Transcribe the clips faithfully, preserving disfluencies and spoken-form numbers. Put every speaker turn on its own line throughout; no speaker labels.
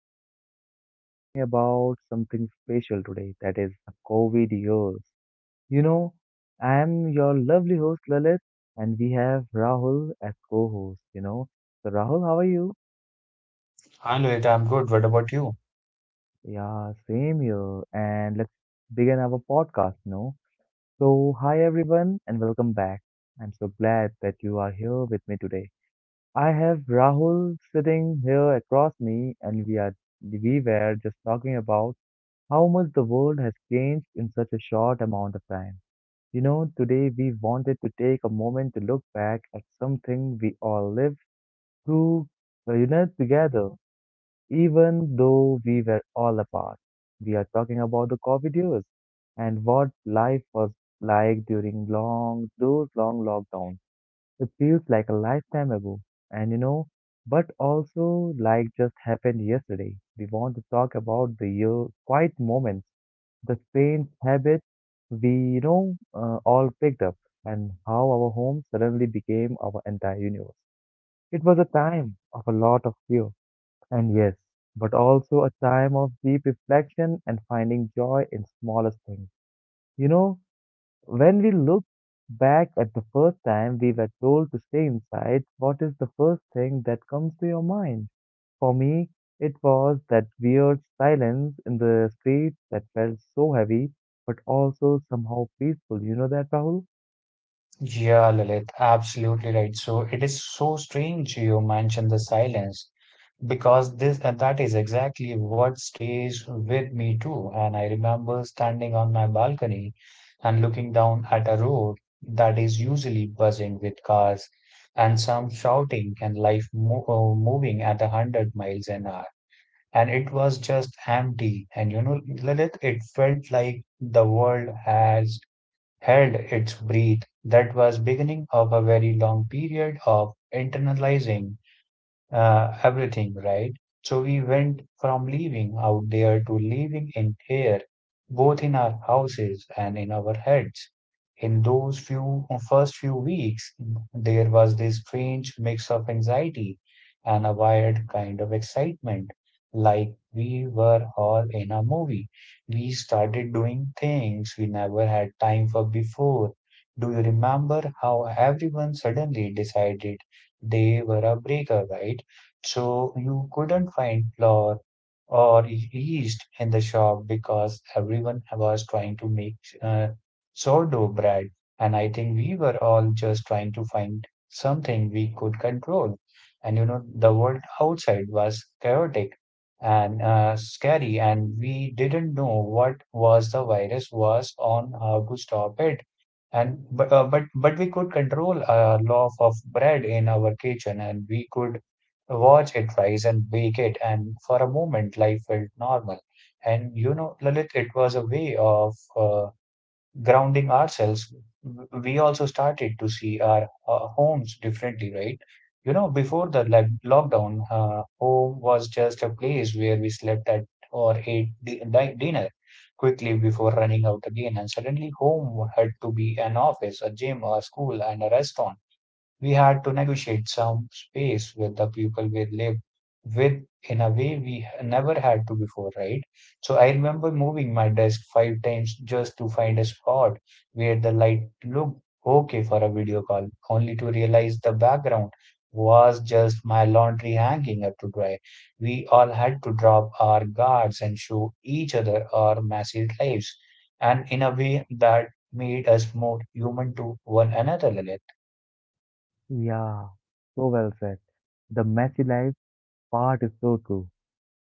So, we are talking about something special today, that is the COVID years. You know, I am your lovely host, Lalit, and we have Rahul as co host. You know, so Rahul, how are you?
Hi Lohit, I'm good. What about you?
Yeah, same here. And let's begin our podcast, you know. So, hi, everyone, and welcome back. I'm so glad that you are here with me today. I have Rahul sitting here across me, and we are we were just talking about how much the world has changed in such a short amount of time. You know, today we wanted to take a moment to look back at something we all lived through, uh, you know, together, even though we were all apart. We are talking about the COVID years and what life was like during long those long lockdowns. It feels like a lifetime ago, and you know, but also like just happened yesterday. We want to talk about the year quiet moments, the strange habits we, you know, uh, all picked up, and how our home suddenly became our entire universe. It was a time of a lot of fear, and yes, but also a time of deep reflection and finding joy in smallest things. You know, when we look back at the first time we were told to stay inside, what is the first thing that comes to your mind? For me, it was that weird silence in the streets that felt so heavy, but also somehow peaceful. You know that, Rahul?
Yeah, Lalit, absolutely right. So it is so strange you mentioned the silence because this and that is exactly what stays with me too. And I remember standing on my balcony and looking down at a road that is usually buzzing with cars and some shouting and life mo uh, moving at a hundred miles an hour. And it was just empty. And you know, Lalit, it felt like the world has held its breath. That was beginning of a very long period of internalizing uh, everything, right? So we went from living out there to living in here, both in our houses and in our heads. In those few first few weeks, there was this strange mix of anxiety and a wired kind of excitement, like we were all in a movie. We started doing things we never had time for before. Do you remember how everyone suddenly decided they were a breaker, right? So you couldn't find flour or e-, yeast in the shop because everyone was trying to make uh, sourdough bread. And I think we were all just trying to find something we could control. And you know, the world outside was chaotic and uh, scary, and we didn't know what was the virus was on how to stop it. And but uh, but but we could control a loaf of bread in our kitchen, and we could watch it rise and bake it, and for a moment life felt normal. And you know, Lalit, it was a way of uh, grounding ourselves. We also started to see our uh, homes differently, right? You know, before the like lockdown, uh, home was just a place where we slept at or ate di- di- dinner quickly before running out again, and suddenly home had to be an office, a gym, a school, and a restaurant. We had to negotiate some space with the people we lived with in a way we never had to before, right? So I remember moving my desk five times just to find a spot where the light looked okay for a video call, only to realize the background was just my laundry hanging up to dry. We all had to drop our guards and show each other our messy lives, and in a way that made us more human to one another, Lalit.
Yeah, so well said. The messy life part is so true.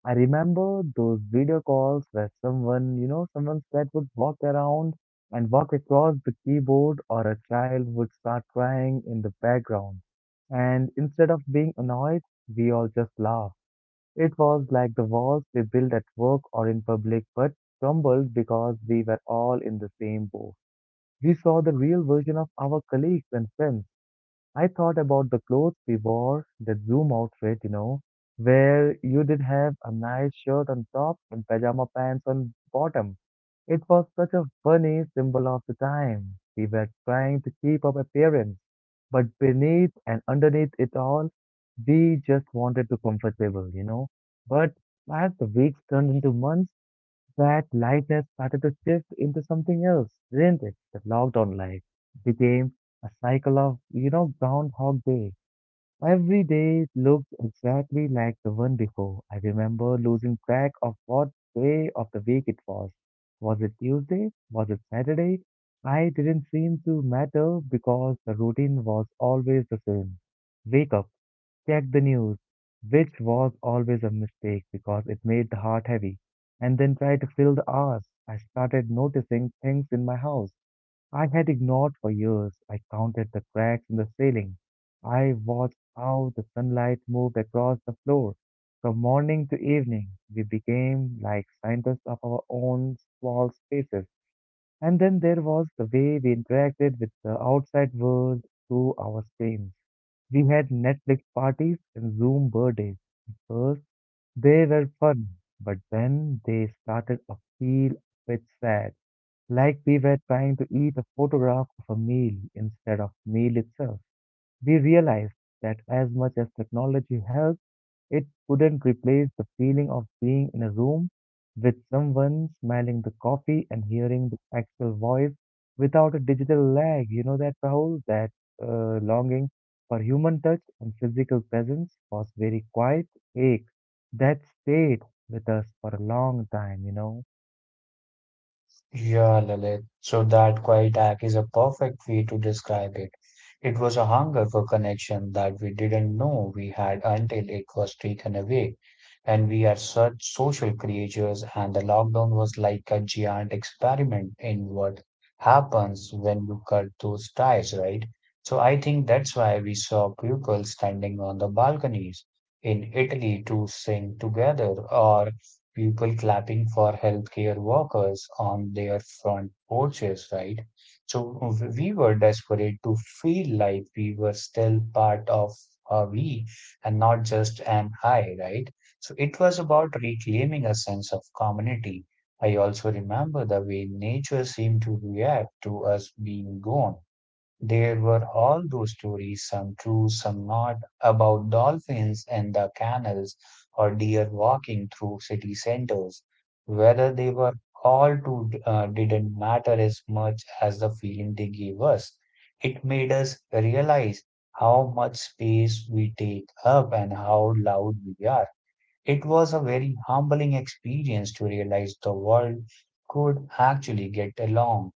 I remember those video calls where someone, you know, someone's pet would walk around and walk across the keyboard, or a child would start crying in the background. And instead of being annoyed, we all just laughed. It was like the walls we built at work or in public but crumbled because we were all in the same boat. We saw the real version of our colleagues and friends. I thought about the clothes we wore, that Zoom outfit, you know, where you did have a nice shirt on top and pajama pants on bottom. It was such a funny symbol of the time. We were trying to keep up appearance, but beneath and underneath it all, we just wanted to comfortable, you know. But as the weeks turned into months, that lightness started to shift into something else, didn't it? The lockdown life became a cycle of, you know, Groundhog Day. Every day looked exactly like the one before. I remember losing track of what day of the week it was. Was it Tuesday? Was it Saturday? I didn't seem to matter because the routine was always the same. Wake up. Check the news, which was always a mistake because it made the heart heavy, and then try to fill the hours. I started noticing things in my house I had ignored for years. I counted the cracks in the ceiling. I watched how the sunlight moved across the floor. From morning to evening, we became like scientists of our own small spaces. And then there was the way we interacted with the outside world through our screens. We had Netflix parties and Zoom birthdays. At first, they were fun, but then they started to feel a bit sad, like we were trying to eat a photograph of a meal instead of meal itself. We realized that as much as technology helps, it couldn't replace the feeling of being in a room with someone, smelling the coffee and hearing the actual voice without a digital lag. You know that, Rahul? That uh, longing for human touch and physical presence was very quiet ache that stayed with us for a long time, you know.
Yeah, Lalit. So that quiet act is a perfect way to describe it. It was a hunger for connection that we didn't know we had until it was taken away. And we are such social creatures, and the lockdown was like a giant experiment in what happens when you cut those ties, right? So I think that's why we saw people standing on the balconies in Italy to sing together, or people clapping for healthcare workers on their front porches, right? So we were desperate to feel like we were still part of a we and not just an I, right? So it was about reclaiming a sense of community. I also remember the way nature seemed to react to us being gone. There were all those stories, some true, some not, about dolphins in the canals or deer walking through city centers. Whether they were all true uh, didn't matter as much as the feeling they gave us. It made us realize how much space we take up and how loud we are. It was a very humbling experience to realize the world could actually get along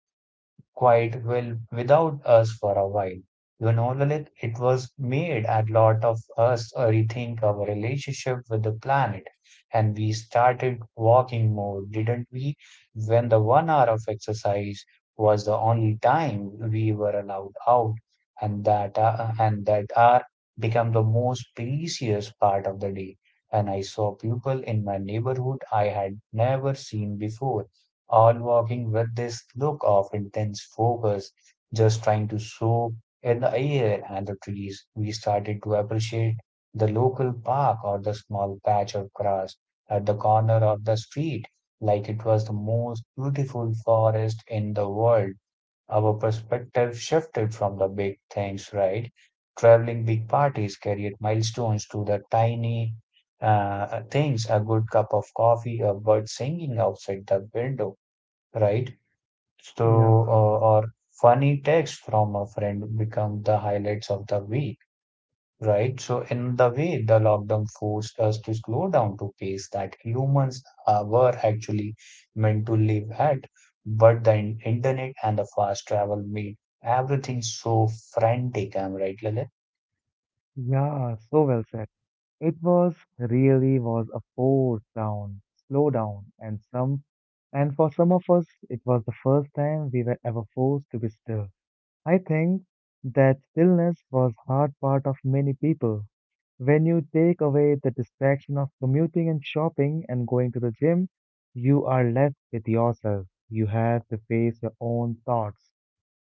quite well without us for a while. You know, Lalit, it was made a lot of us rethink our relationship with the planet, and we started walking more, didn't we? When the one hour of exercise was the only time we were allowed out, and that uh, and that hour became the most precious part of the day. And I saw people in my neighborhood I had never seen before, all walking with this look of intense focus, just trying to soak in the air and the trees. We started to appreciate the local park or the small patch of grass at the corner of the street, like it was the most beautiful forest in the world. Our perspective shifted from the big things, right? Traveling, big parties, carried milestones, to the tiny uh, things, a good cup of coffee, a bird singing outside the window, right? So,
Yeah,
uh, or funny text from a friend become the highlights of the week, right? So, in the way, the lockdown forced us to slow down to pace that humans uh, were actually meant to live at, but the in- internet and the fast travel made everything so frantic. I'm right, Lalit?
yeah, so well said. It was really was a force down, slow down, and some, and for some of us, it was the first time we were ever forced to be still. I think that stillness was hard part of many people. When you take away the distraction of commuting and shopping and going to the gym, you are left with yourself. You have to face your own thoughts.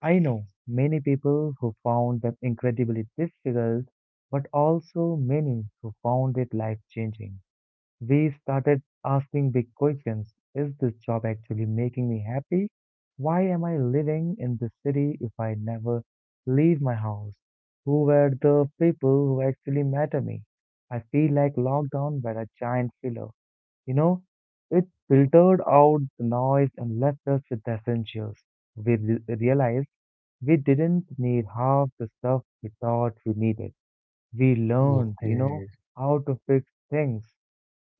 I know many people who found them incredibly difficult, but also many who found it life changing. We started asking big questions. Is this job actually making me happy? Why am I living in this city if I never leave my house? Who were the people who actually matter me? I feel like lockdown were a giant filler. You know, it filtered out the noise and left us with the essentials. We re- realized we didn't need half the stuff we thought we needed. We learned, you know,
Okay.
how to fix things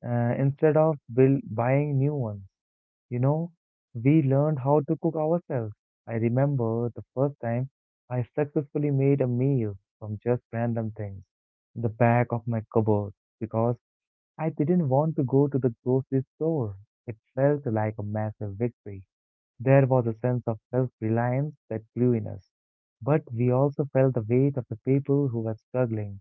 uh, instead of build, buying new ones. You know, we learned how to cook ourselves. I remember the first time I successfully made a meal from just random things in the back of my cupboard because I didn't want to go to the grocery store. It felt like a massive victory. There was a sense of self-reliance that grew in us, but we also felt the weight of the people who were struggling.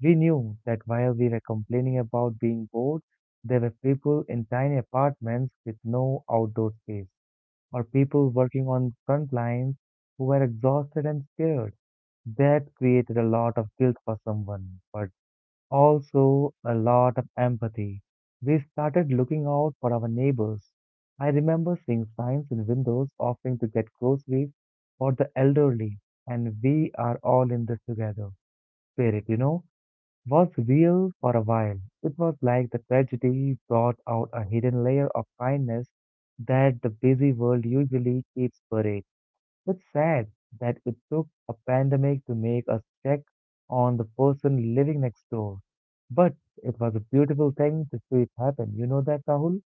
We knew that while we were complaining about being bored, there were people in tiny apartments with no outdoor space, or people working on front lines who were exhausted and scared. That created a lot of guilt for someone, but also, a lot of empathy. We started looking out for our neighbors. I remember seeing signs in windows offering to get groceries for the elderly, and we are all in this together. Spirit, you know, was real for a while. It was like the tragedy brought out a hidden layer of kindness that the busy world usually keeps buried. It's sad that it took a pandemic to make us check on the person living next door. But it was a beautiful thing to see it happen. You know that, Rahul?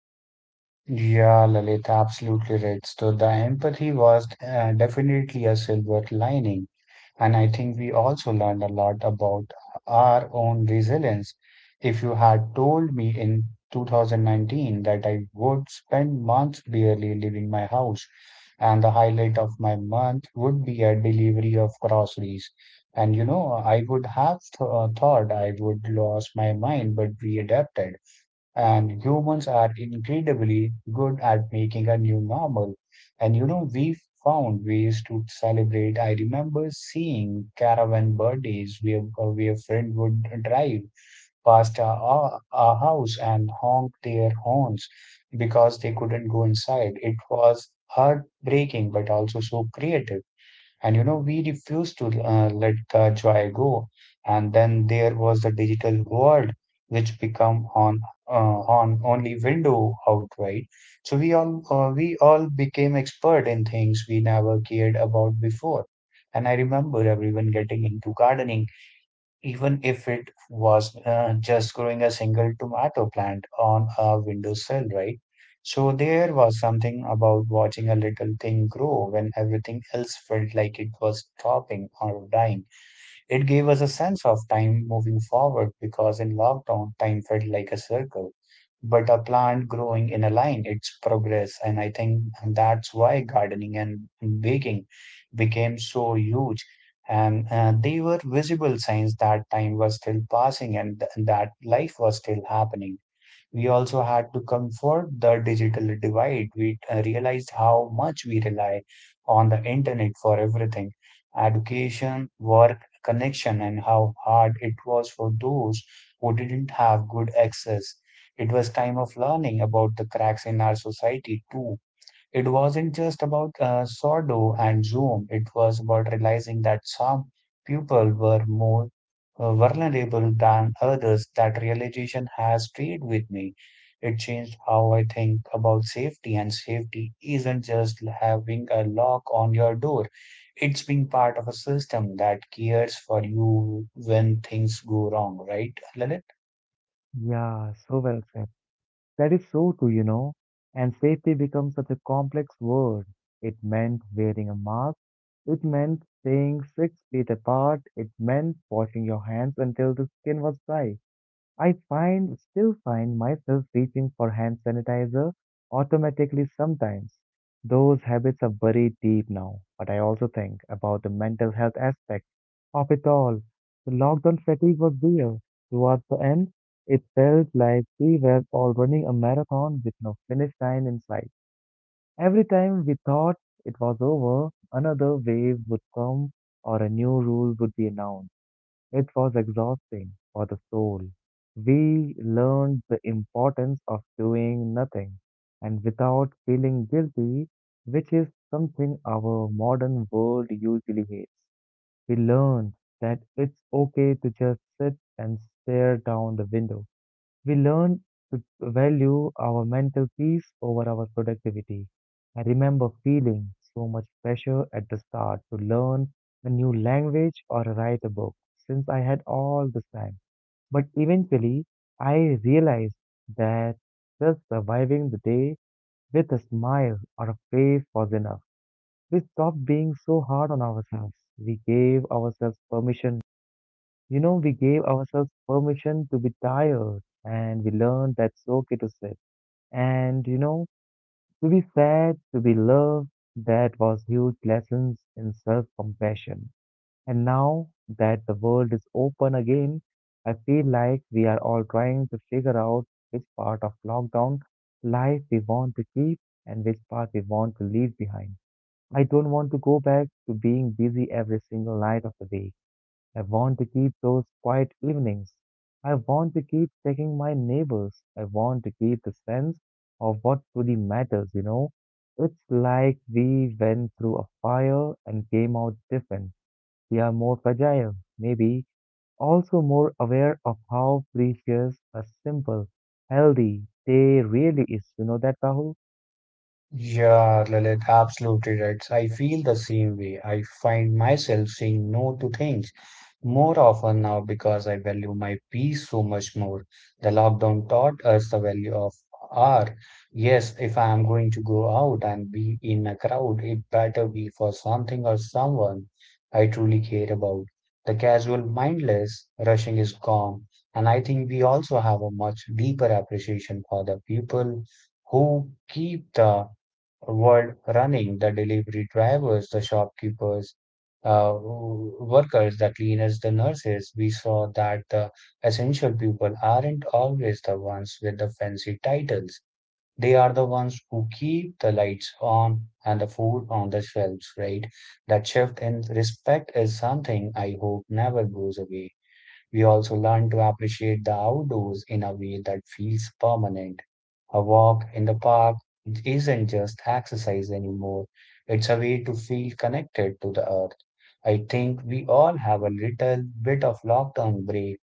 Yeah, Lalit, absolutely right. So the empathy was uh, definitely a silver lining. And I think we also learned a lot about our own resilience. If you had told me in two thousand nineteen that I would spend months barely leaving my house, and the highlight of my month would be a delivery of groceries, and you know, I would have th- uh, thought I would lose my mind, but we adapted. And humans are incredibly good at making a new normal. And you know, we found ways to celebrate. I remember seeing caravan birthdays where, uh, where a friend would drive past a our house and honk their horns because they couldn't go inside. It was heartbreaking, but also so creative. And you know, we refused to uh, let the joy go. And then there was the digital world, which become on uh, on only window out, right? So we all uh, we all became expert in things we never cared about before. And I remember everyone getting into gardening, even if it was uh, just growing a single tomato plant on a windowsill, right? So there was something about watching a little thing grow when everything else felt like it was dropping or dying. It gave us a sense of time moving forward, because in lockdown, time felt like a circle, but a plant growing in a line, its progress. And I think that's why gardening and baking became so huge. And uh, they were visible signs that time was still passing and th- that life was still happening. We also had to comfort the digital divide. We uh, realized how much we rely on the internet for everything: education, work, connection, and how hard it was for those who didn't have good access. It was time of learning about the cracks in our society too. It wasn't just about uh, sourdough and Zoom, it was about realizing that some people were more uh, vulnerable than others. That realization has stayed with me. It changed how I think about safety, and safety isn't just having a lock on your door, it's being part of a system that cares for you when things go wrong, right, Lalit?
Yeah, so well said. That is so true, you know. And safety becomes such a complex word. It meant wearing a mask. It meant staying six feet apart. It meant washing your hands until the skin was dry. I find still find myself reaching for hand sanitizer automatically sometimes. Those habits are buried deep now, but I also think about the mental health aspect of it all. The lockdown fatigue was real. Towards the end, it felt like we were all running a marathon with no finish line in sight. Every time we thought it was over, another wave would come or a new rule would be announced. It was exhausting for the soul. We learned the importance of doing nothing and without feeling guilty, which is something our modern world usually hates. We learned that it's okay to just sit and stare down the window. We learn to value our mental peace over our productivity. I remember feeling so much pressure at the start to learn a new language or write a book since I had all this time. But eventually, I realized that just surviving the day with a smile or a face was enough. We stopped being so hard on ourselves. We gave ourselves permission you know, we gave ourselves permission to be tired, and we learned that's okay to sit. And, you know, to be sad, to be loved, that was huge lessons in self-compassion. And now that the world is open again, I feel like we are all trying to figure out which part of lockdown life we want to keep and which part we want to leave behind. I don't want to go back to being busy every single night of the week. I want to keep those quiet evenings. I want to keep checking my neighbors. I want to keep the sense of what truly matters, you know. It's like we went through a fire and came out different. We are more fragile, maybe also more aware of how precious a simple, healthy day really is. You know that, Rahul?
Yeah, Lalit, absolutely right. So, I feel the same way. I find myself saying no to things more often now because I value my peace so much more. The lockdown taught us the value of hour. Yes, if I am going to go out and be in a crowd, it better be for something or someone I truly care about. The casual mindless rushing is gone, and I think we also have a much deeper appreciation for the people who keep the world running, the delivery drivers, the shopkeepers, uh, w- workers, the cleaners, the nurses. We saw that the essential people aren't always the ones with the fancy titles. They are the ones who keep the lights on and the food on the shelves, right? That shift in respect is something I hope never goes away. We also learn to appreciate the outdoors in a way that feels permanent. A walk in the park isn't just exercise anymore, it's a way to feel connected to the earth. I think we all have a little bit of lockdown break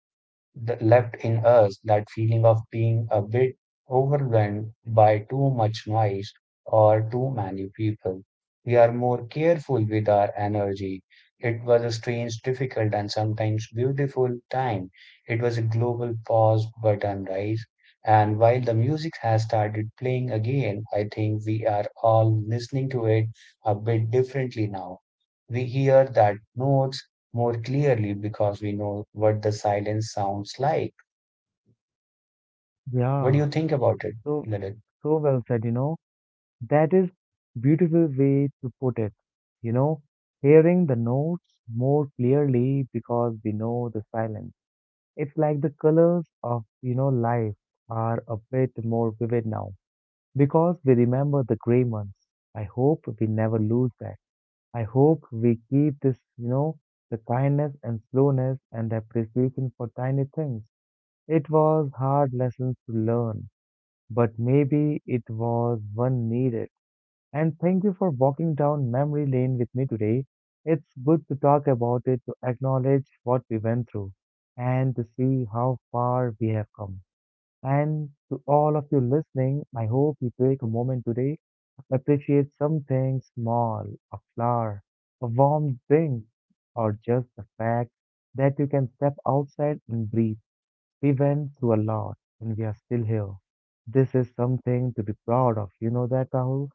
th- left in us, that feeling of being a bit overwhelmed by too much noise or too many people. We are more careful with our energy. It was a strange, difficult, and sometimes beautiful time. It was a global pause button, right? And while the music has started playing again, I think we are all listening to it a bit differently now. We hear that notes more clearly because we know what the silence sounds like. What do
Yeah,
you think about it,
so
Lalit?
so well said, you know. That is beautiful way to put it. You know, hearing the notes more clearly because we know the silence. It's like the colors of, you know, life are a bit more vivid now because we remember the gray months. I hope we never lose that. I hope we keep this, you know, the kindness and slowness and appreciation for tiny things. It was hard lessons to learn, but maybe it was one needed, and thank you for walking down memory lane with me today. It's good to talk about it, to acknowledge what we went through, and to see how far we have come. And to all of you listening, I hope you take a moment today, appreciate something small, a flower, a warm drink, or just the fact that you can step outside and breathe. We went through a lot, and we are still here. This is something to be proud of. You know that, Rahul?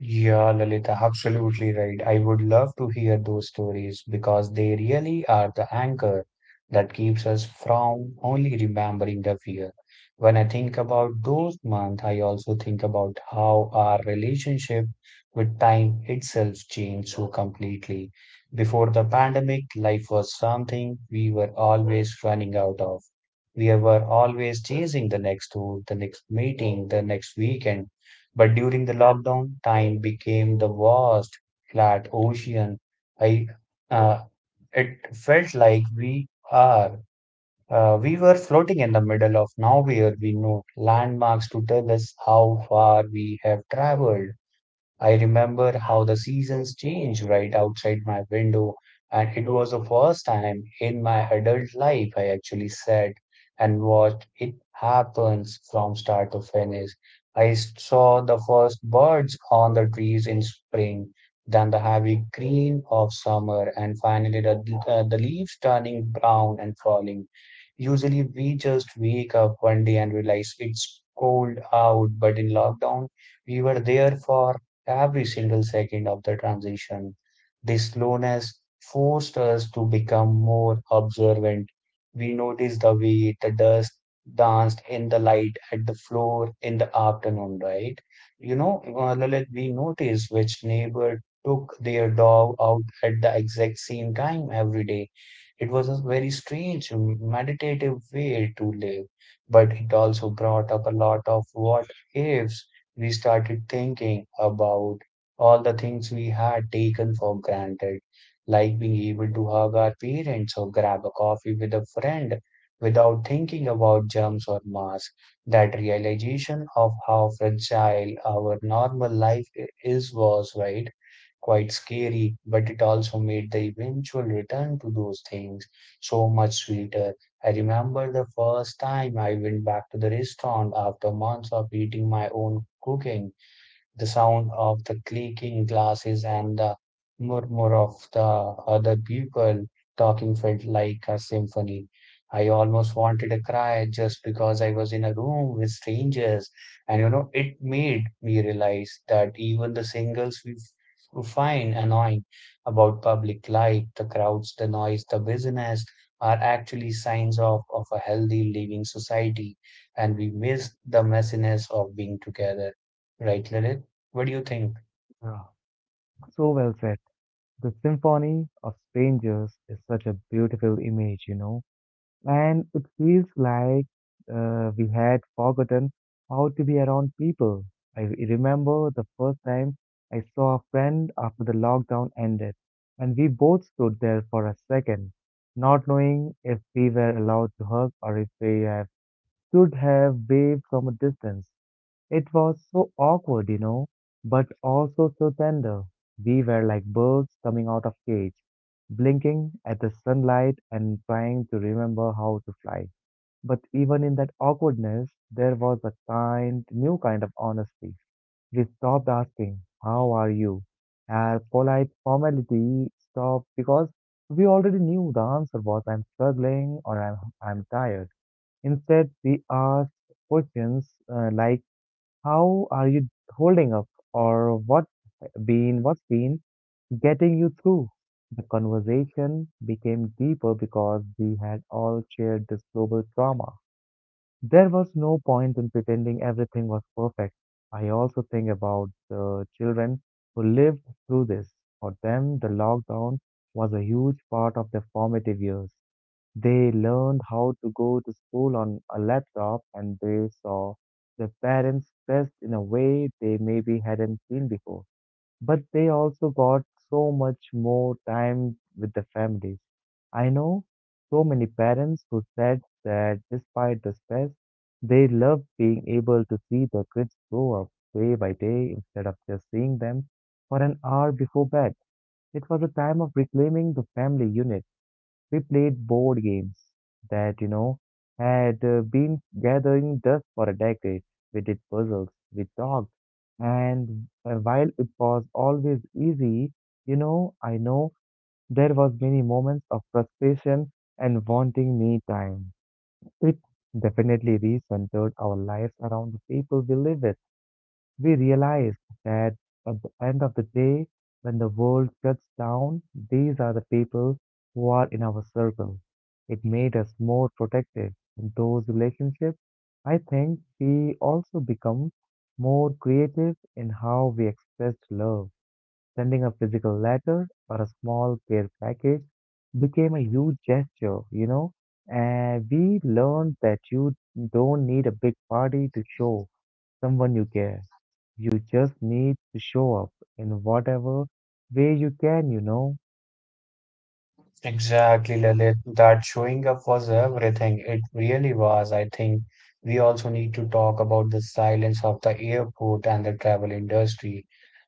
Yeah, Lalita, absolutely right. I would love to hear those stories because they really are the anchor that keeps us from only remembering the fear. When I think about those months, I also think about how our relationship with time itself changed so completely. Before the pandemic, life was something we were always running out of. We were always chasing the next tour, the next meeting, the next weekend. But during the lockdown, time became the vast, flat ocean. I, uh, it felt like we are, uh, we were floating in the middle of nowhere. We no landmarks to tell us how far we have traveled. I remember how the seasons changed right outside my window, and it was the first time in my adult life I actually sat and watched it happens from start to finish. I saw the first birds on the trees in spring, then the heavy green of summer, and finally the, uh, the leaves turning brown and falling. Usually, we just wake up one day and realize it's cold out, but in lockdown, we were there for every single second of the transition. This slowness forced us to become more observant. We noticed the way the dust danced in the light at the floor in the afternoon, right? You know, uh, Lalit, we noticed which neighbor took their dog out at the exact same time every day. It was a very strange, meditative way to live, but it also brought up a lot of what ifs we started thinking about all the things we had taken for granted, like being able to hug our parents or grab a coffee with a friend without thinking about germs or masks. That realization of how fragile our normal life i- is was, right? Quite scary, but it also made the eventual return to those things so much sweeter. I remember the first time I went back to the restaurant after months of eating my own cooking, the sound of the clinking glasses and the murmur of the other people talking felt like a symphony. I almost wanted to cry just because I was in a room with strangers. And you know, it made me realize that even the singles we f- find annoying about public life, the crowds, the noise, the business, are actually signs of, of a healthy living society. And we miss the messiness of being together. Right, Lilith? What do you think?
Yeah. So well said. The Symphony of Strangers is such a beautiful image, you know, and it feels like uh, we had forgotten how to be around people. I remember the first time I saw a friend after the lockdown ended, and we both stood there for a second, not knowing if we were allowed to hug or if we have, should have waved from a distance. It was so awkward, you know, but also so tender. We were like birds coming out of cage, blinking at the sunlight and trying to remember how to fly. But even in that awkwardness, there was a kind, new kind of honesty. We stopped asking, how are you? Our polite formality stopped because we already knew the answer was I'm struggling or I'm, I'm tired. Instead, we asked questions uh, like, how are you holding up or what been what's been getting you through? The conversation became deeper because we had all shared this global trauma. There was no point in pretending everything was perfect. I also think about the children who lived through this. For them, the lockdown was a huge part of their formative years. They learned how to go to school on a laptop and they saw their parents dressed in a way they maybe hadn't seen before. But they also got so much more time with the families. I know so many parents who said that despite the stress, they love being able to see their kids grow up day by day instead of just seeing them for an hour before bed. It was a time of reclaiming the family unit. We played board games that, you know, had uh, been gathering dust for a decade. We did puzzles, we talked, and uh, while it was always easy, you know, I know there was many moments of frustration and wanting me time. It definitely recentered our lives around the people we live with. We realize that at the end of the day, when the world shuts down, these are the people who are in our circle. It made us more protective in those relationships. I think we also become more creative in how we expressed love. Sending a physical letter or a small care package became a huge gesture, you know, and we learned that you don't need a big party to show someone you care. You just need to show up in whatever way you can, you know.
Exactly, Lalit. That showing up was everything. It really was. I think we also need to talk about the silence of the airport and the travel industry.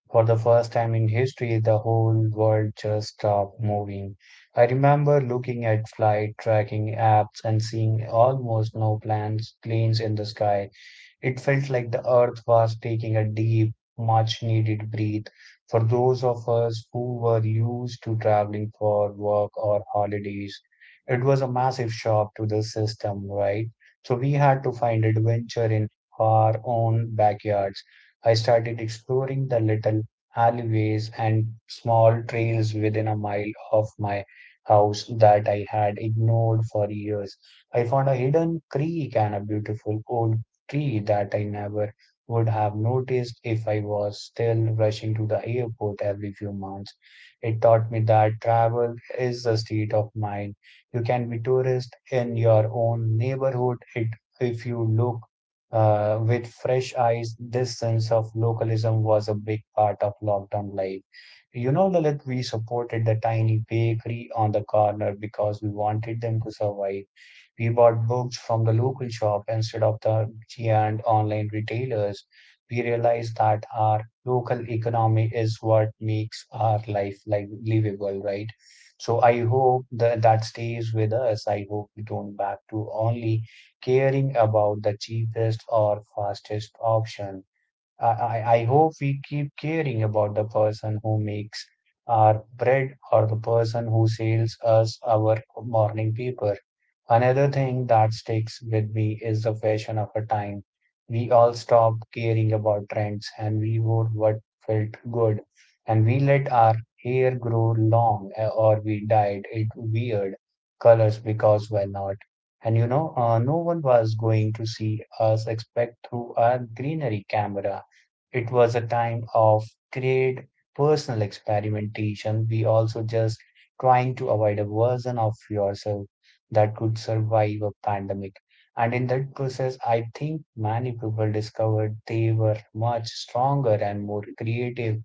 For the first time in history, the whole world just stopped moving. I remember looking at flight tracking apps and seeing almost no plans, planes in the sky. It felt like the earth was taking a deep, much needed breath for those of us who were used to traveling for work or holidays. It was a massive shock to the system, right? So we had to find adventure in our own backyards. I started exploring the little alleyways and small trails within a mile of my house that I had ignored for years. I found a hidden creek and a beautiful old tree that I never would have noticed if I was still rushing to the airport every few months. It taught me that travel is a state of mind. You can be tourist in your own neighborhood it, if you look uh, with fresh eyes. This sense of localism was a big part of lockdown life. You know, Lalit, we supported the tiny bakery on the corner because we wanted them to survive. We bought books from the local shop instead of the giant online retailers. We realized that our local economy is what makes our life like livable, right? So I hope that that stays with us. I hope we don't back to only caring about the cheapest or fastest option. I, I, I hope we keep caring about the person who makes our bread or the person who sells us our morning paper. Another thing that sticks with me is the fashion of a time. We all stopped caring about trends and we wore what felt good, and we let our hair grow long, uh, or we dyed it weird colors because why not? And you know, uh, no one was going to see us expect through a greenery camera. It was a time of great personal experimentation. We also just trying to avoid a version of yourself that could survive a pandemic. And in that process, I think many people discovered they were much stronger and more creative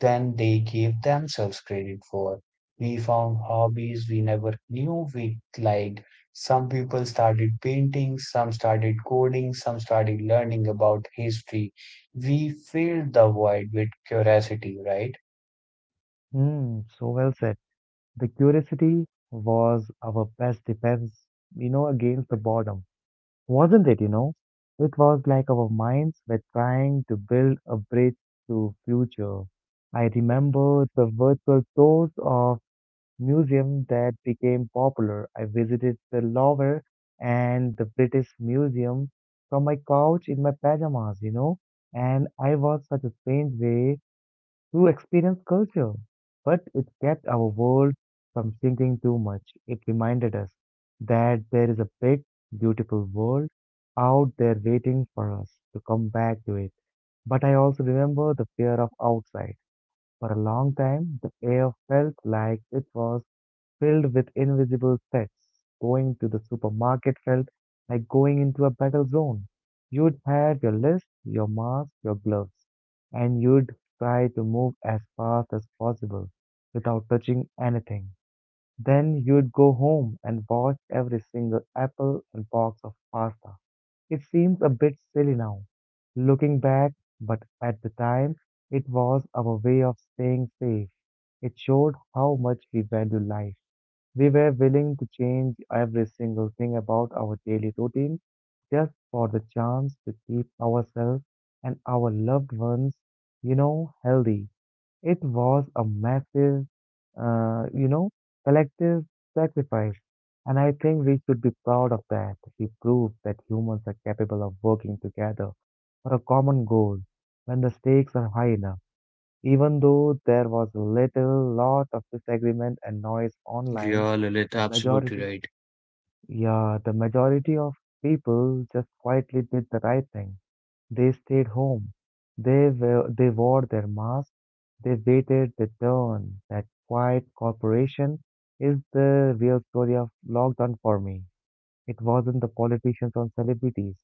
than they gave themselves credit for. We found hobbies we never knew we liked. Some people started painting, some started coding, some started learning about history. We filled the void with curiosity, right?
Hmm, so well said. The curiosity was our best defense, you know, against the boredom, wasn't it, you know? It was like our minds were trying to build a bridge to future. I remember the virtual tours of museum that became popular. I visited the Louvre and the British Museum from my couch in my pajamas, you know, and I was such a strange way to experience culture. But it kept our world from sinking too much. It reminded us that there is a big, beautiful world out there waiting for us to come back to it. But I also remember the fear of outside. For a long time, the air felt like it was filled with invisible threats. Going to the supermarket felt like going into a battle zone. You'd have your list, your mask, your gloves, and you'd try to move as fast as possible without touching anything. Then you'd go home and watch every single apple and box of pasta. It seems a bit silly now, looking back, but at the time, it was our way of staying safe. It showed how much we value life. We were willing to change every single thing about our daily routine just for the chance to keep ourselves and our loved ones, you know, healthy. It was a massive, uh, you know, collective sacrifice. And I think we should be proud of that. We proved that humans are capable of working together for a common goal when the stakes are high enough. Even though there was little lot of disagreement and noise online,
You're Lilith,
the
absolutely
majority,
right.
yeah, the majority of people just quietly did the right thing. They stayed home. They were, they wore their masks. They waited their turn. That quiet cooperation is the real story of lockdown for me. It wasn't the politicians or celebrities.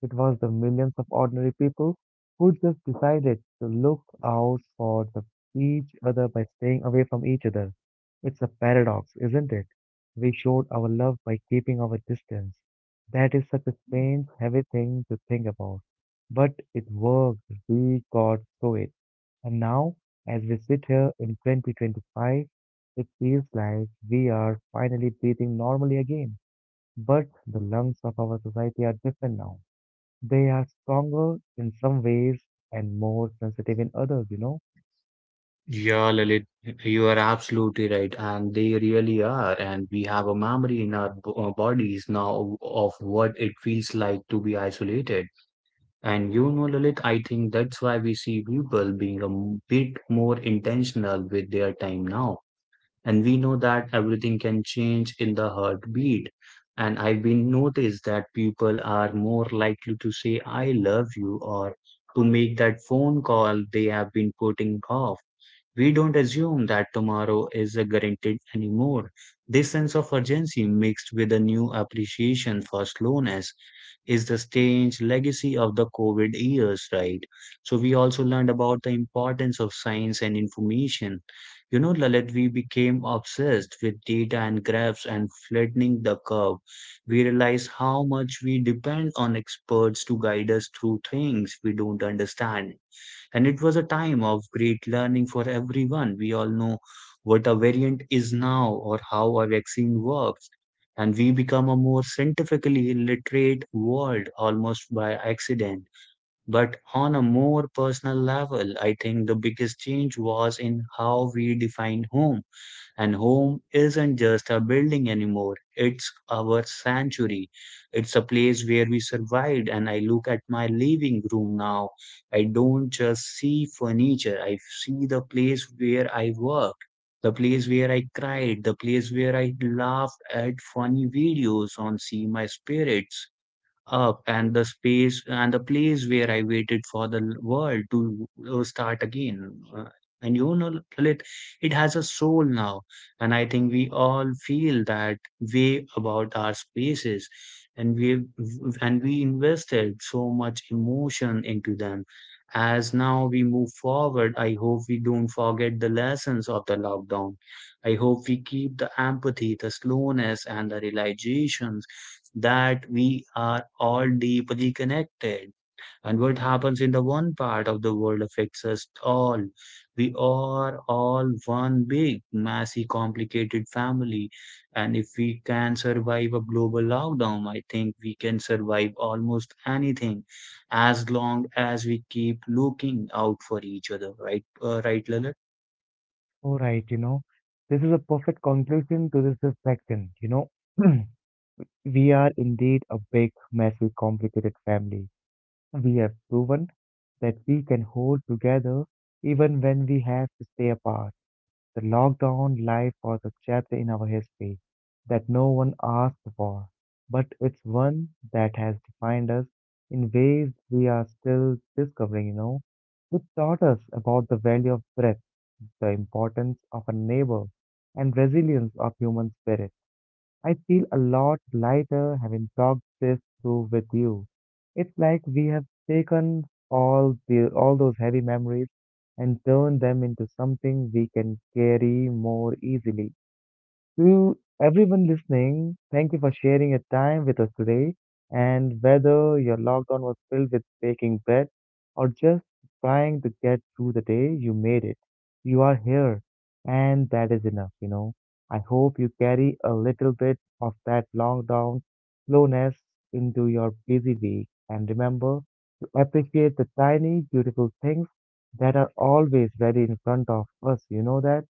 It was the millions of ordinary people who just decided to look out for the, each other by staying away from each other. It's a paradox, isn't it? We showed our love by keeping our distance. That is such a strange, heavy thing to think about. But it worked. We got through it. And now, as we sit here in twenty twenty-five, it feels like we are finally breathing normally again. But the lungs of our society are different now. They are stronger in some ways and more sensitive in others, you know.
Yeah, Lalit, you are absolutely right, and they really are. And we have a memory in our b- uh, bodies now of what it feels like to be isolated. And you know, Lalit, I think that's why we see people being a m- bit more intentional with their time now. And we know that everything can change in the heartbeat. And I've been noticed that people are more likely to say, I love you, or to make that phone call they have been putting off. We don't assume that tomorrow is guaranteed anymore. This sense of urgency, mixed with a new appreciation for slowness, is the strange legacy of the COVID years, right? So, we also learned about the importance of science and information. You know, Lalit, we became obsessed with data and graphs and flattening the curve. We realized how much we depend on experts to guide us through things we don't understand, and it was a time of great learning for everyone. We all know what a variant is now or how a vaccine works, and we become a more scientifically literate world almost by accident. But on a more personal level, I think the biggest change was in how we define home. And home isn't just a building anymore, it's our sanctuary. It's a place where we survived. And I look at my living room now. I don't just see furniture, I see the place where I worked, the place where I cried, the place where I laughed at funny videos on See My Spirits up, and the space and the place where I waited for the l- world to uh, start again. Uh, and you know, Lalit, it has a soul now. And I think we all feel that way about our spaces. And we and we invested so much emotion into them. As now we move forward, I hope we don't forget the lessons of the lockdown. I hope we keep the empathy, the slowness, and the realizations that we are all deeply connected. And what happens in the one part of the world affects us all. We are all one big, messy, complicated family. And if we can survive a global lockdown, I think we can survive almost anything as long as we keep looking out for each other, right? Uh, right, Lalit?
All right, you know, this is a perfect conclusion to this reflection, you know. We are indeed a big, messy, complicated family. We have proven that we can hold together even when we have to stay apart. The lockdown life was a chapter in our history that no one asked for, but it's one that has defined us in ways we are still discovering, you know. It taught us about the value of breath, the importance of a neighbor, and resilience of human spirit. I feel a lot lighter having talked this through with you. It's like we have taken all the all those heavy memories and turned them into something we can carry more easily. To everyone listening, thank you for sharing your time with us today. And whether your lockdown was filled with baking bread or just trying to get through the day, you made it. You are here, and that is enough, you know. I hope you carry a little bit of that lockdown slowness into your busy week. And remember to appreciate the tiny, beautiful things that are always ready in front of us. You know that?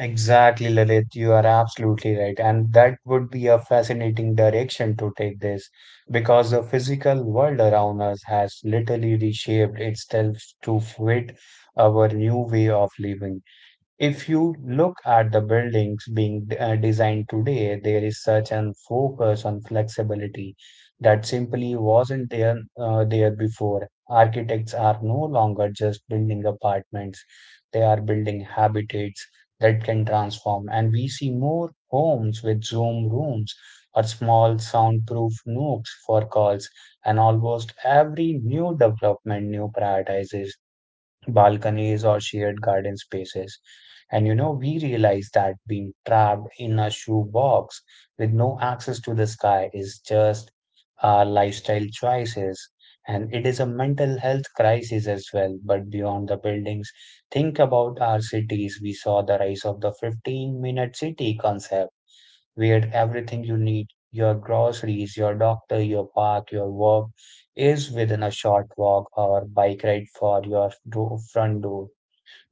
Exactly, Lalit. You are absolutely right. And that would be a fascinating direction to take this because the physical world around us has literally reshaped itself to fit our new way of living. If you look at the buildings being uh, designed today, there is such an focus on flexibility that simply wasn't there uh, there before. Architects are no longer just building apartments; they are building habitats that can transform. And we see more homes with Zoom rooms or small soundproof nooks for calls. And almost every new development new prioritizes balconies or shared garden spaces. And you know, we realize that being trapped in a shoebox with no access to the sky is just our lifestyle choices. And it is a mental health crisis as well. But beyond the buildings, think about our cities. We saw the rise of the fifteen minute city concept. We had everything you need. Your groceries, your doctor, your park, your work is within a short walk or bike ride for your do- front door.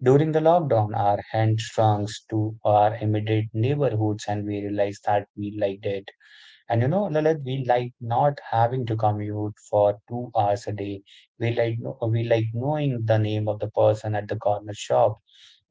During the lockdown, our hand strung to our immediate neighborhoods, and we realized that we liked it. And you know, Lalit, we like not having to commute for two hours a day. We like kno- we like knowing the name of the person at the corner shop.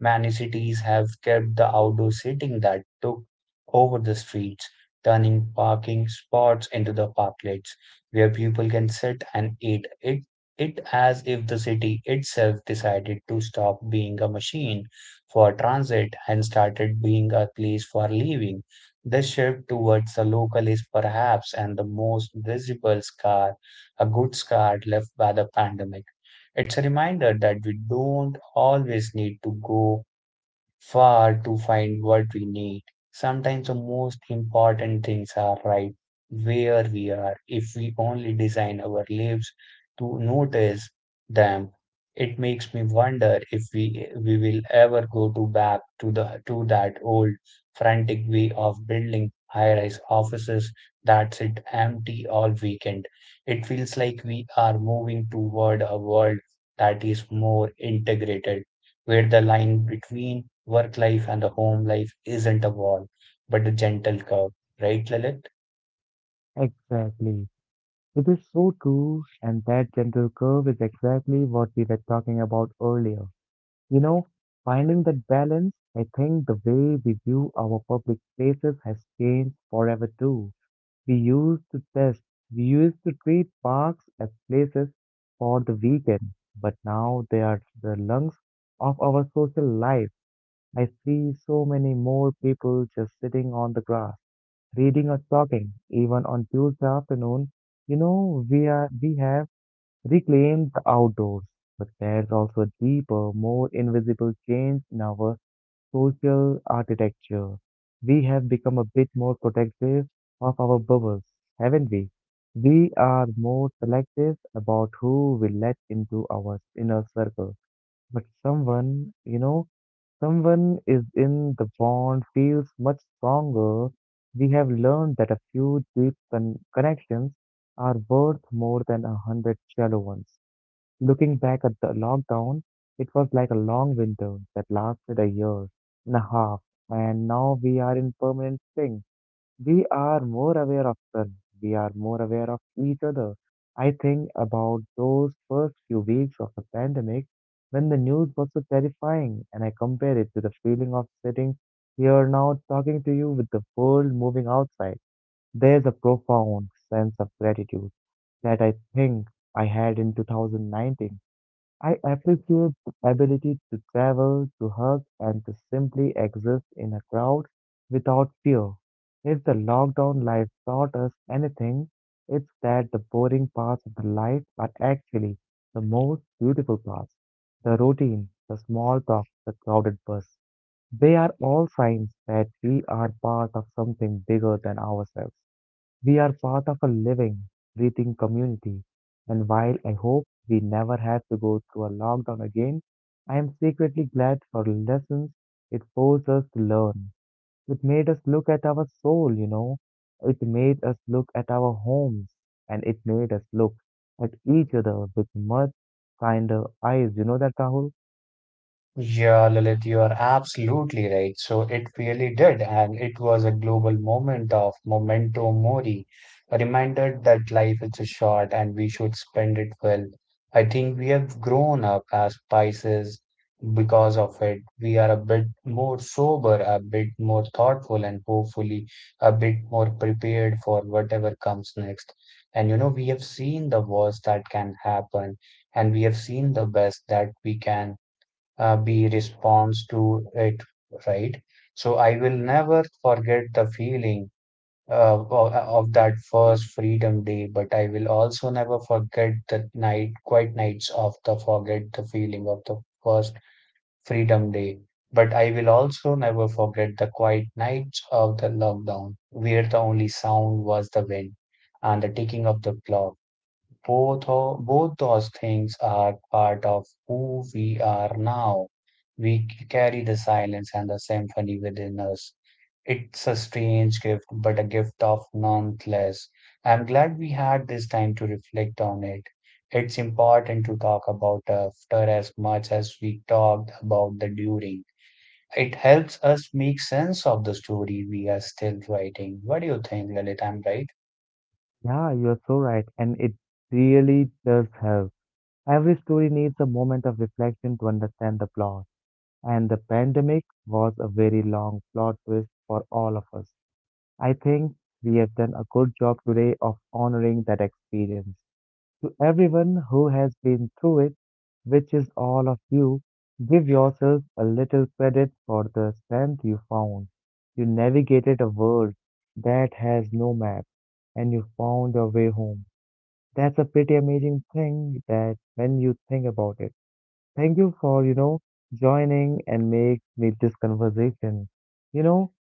Many cities have kept the outdoor seating that took over the streets, turning parking spots into the parklets where people can sit and eat. It it as if the city itself decided to stop being a machine for transit and started being a place for living. The shift towards the local is perhaps and the most visible scar, a good scar left by the pandemic. It's a reminder that we don't always need to go far to find what we need. Sometimes the most important things are right where we are. If we only design our lives to notice them, it makes me wonder if we we will ever go to back to the to that old frantic way of building high-rise offices that sit empty all weekend. It feels like we are moving toward a world that is more integrated where the line between work life and the home life isn't a wall, but a gentle curve, right, Lalit?
Exactly. It is so true, and that gentle curve is exactly what we were talking about earlier. You know, finding that balance, I think the way we view our public spaces has changed forever too. We used to test, we used to treat parks as places for the weekend, but now they are the lungs of our social life. I see so many more people just sitting on the grass reading or talking, even on Tuesday afternoon, you know, we are we have reclaimed the outdoors. But there's also a deeper, more invisible change in our social architecture. We have become a bit more protective of our bubbles, haven't we? We are more selective about who we let into our inner circle. But someone, you know, someone is in the bond feels much stronger. We have learned that a few deep con- connections are worth more than a hundred shallow ones. Looking back at the lockdown, it was like a long winter that lasted a year and a half, and now we are in permanent spring. We are more aware of them. We are more aware of each other. I think about those first few weeks of the pandemic when the news was so terrifying, and I compare it to the feeling of sitting here now talking to you with the world moving outside. There's a profound sense of gratitude that I think I had in two thousand nineteen. I appreciate the ability to travel, to hug, and to simply exist in a crowd without fear. If the lockdown life taught us anything, it's that the boring parts of the life are actually the most beautiful parts. The routine, the small talk, the crowded bus. They are all signs that we are part of something bigger than ourselves. We are part of a living, breathing community, and while I hope we never have to go through a lockdown again, I am secretly glad for lessons it forced us to learn. It made us look at our soul, you know. It made us look at our homes, and it made us look at each other with much kinder eyes. You know that, Rahul?
Yeah, Lalit, you are absolutely right. So it really did, and it was a global moment of memento mori, a reminder that life is short and we should spend it well. I think we have grown up as Pisces because of it. We are a bit more sober, a bit more thoughtful, and hopefully a bit more prepared for whatever comes next. And you know, we have seen the worst that can happen, and we have seen the best that we can uh, be response to it, right? So I will never forget the feeling uh, o- uh, of that first Freedom Day, but I will also never forget the night, quiet nights of the forget the feeling of the first Freedom Day. But I will also never forget the quiet nights of the lockdown, where the only sound was the wind and the ticking of the clock. Both, o- both those things are part of who we are now. We c- carry the silence and the symphony within us. It's a strange gift, but a gift of nonetheless. I'm glad we had this time to reflect on it. It's important to talk about after as much as we talked about the during. It helps us make sense of the story we are still writing. What do you think, Lalit? I'm right.
Yeah, you're so right, and it really does help. Every story needs a moment of reflection to understand the plot. And the pandemic was a very long plot twist for all of us. I think we have done a good job today of honoring that experience. To everyone who has been through it, which is all of you, give yourself a little credit for the strength you found. You navigated a world that has no map and you found your way home. That's a pretty amazing thing that when you think about it. Thank you for, you know, joining and make me this conversation. You know,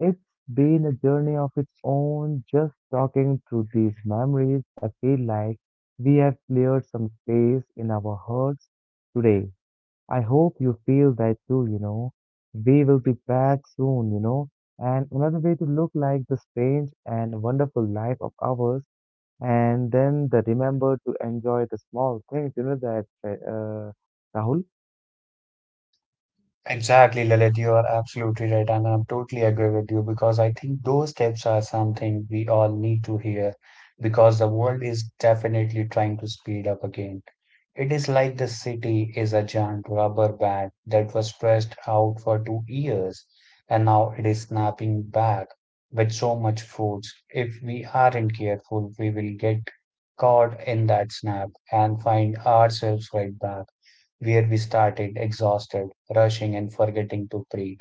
it's been a journey of its own. Just talking through these memories, I feel like we have cleared some space in our hearts today. I hope you feel that too, you know. We will be back soon, you know. And another way to look like the strange and wonderful life of ours, and then the remember to enjoy the small things, you know, that uh, Rahul.
Exactly, Lalit, you are absolutely right, and I'm totally agree with you because I think those tips are something we all need to hear because the world is definitely trying to speed up again. It is like the city is a giant rubber band that was stretched out for two years, and now it is snapping back with so much force. If we aren't careful, we will get caught in that snap and find ourselves right back where we started, exhausted, rushing, and forgetting to breathe.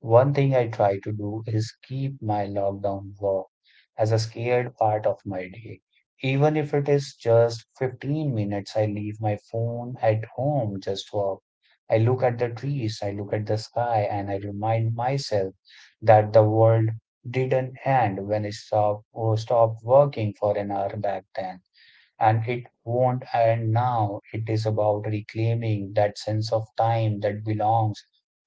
One thing I try to do is keep my lockdown walk as a scared part of my day. Even if it is just fifteen minutes, I leave my phone at home, just walk. I look at the trees, I look at the sky, and I remind myself that the world didn't end when I stopped, or stopped working for an hour back then and it won't. And now, it is about reclaiming that sense of time that belongs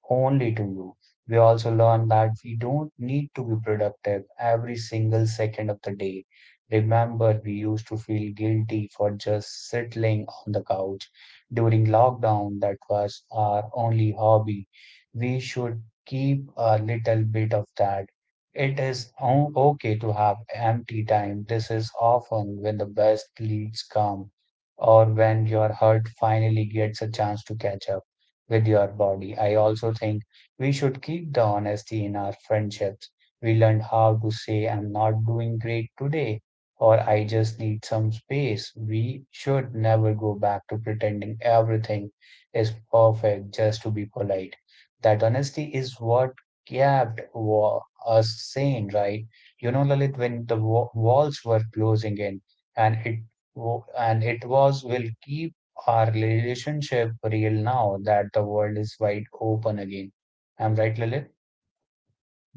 only to you. We also learn that we don't need to be productive every single second of the day. Remember, we used to feel guilty for just settling on the couch. During lockdown, that was our only hobby. We should keep a little bit of that. It is o- okay to have empty time. This is often when the best leads come, or when your heart finally gets a chance to catch up with your body. I also think we should keep the honesty in our friendships. We learned how to say, I'm not doing great today, or I just need some space. We should never go back to pretending everything is perfect just to be polite. That honesty is what kept war us sane, right? You know, Lalit, when the wa- walls were closing in, and it wo- and it was will keep our relationship real now that the world is wide open again. I'm right, Lalit?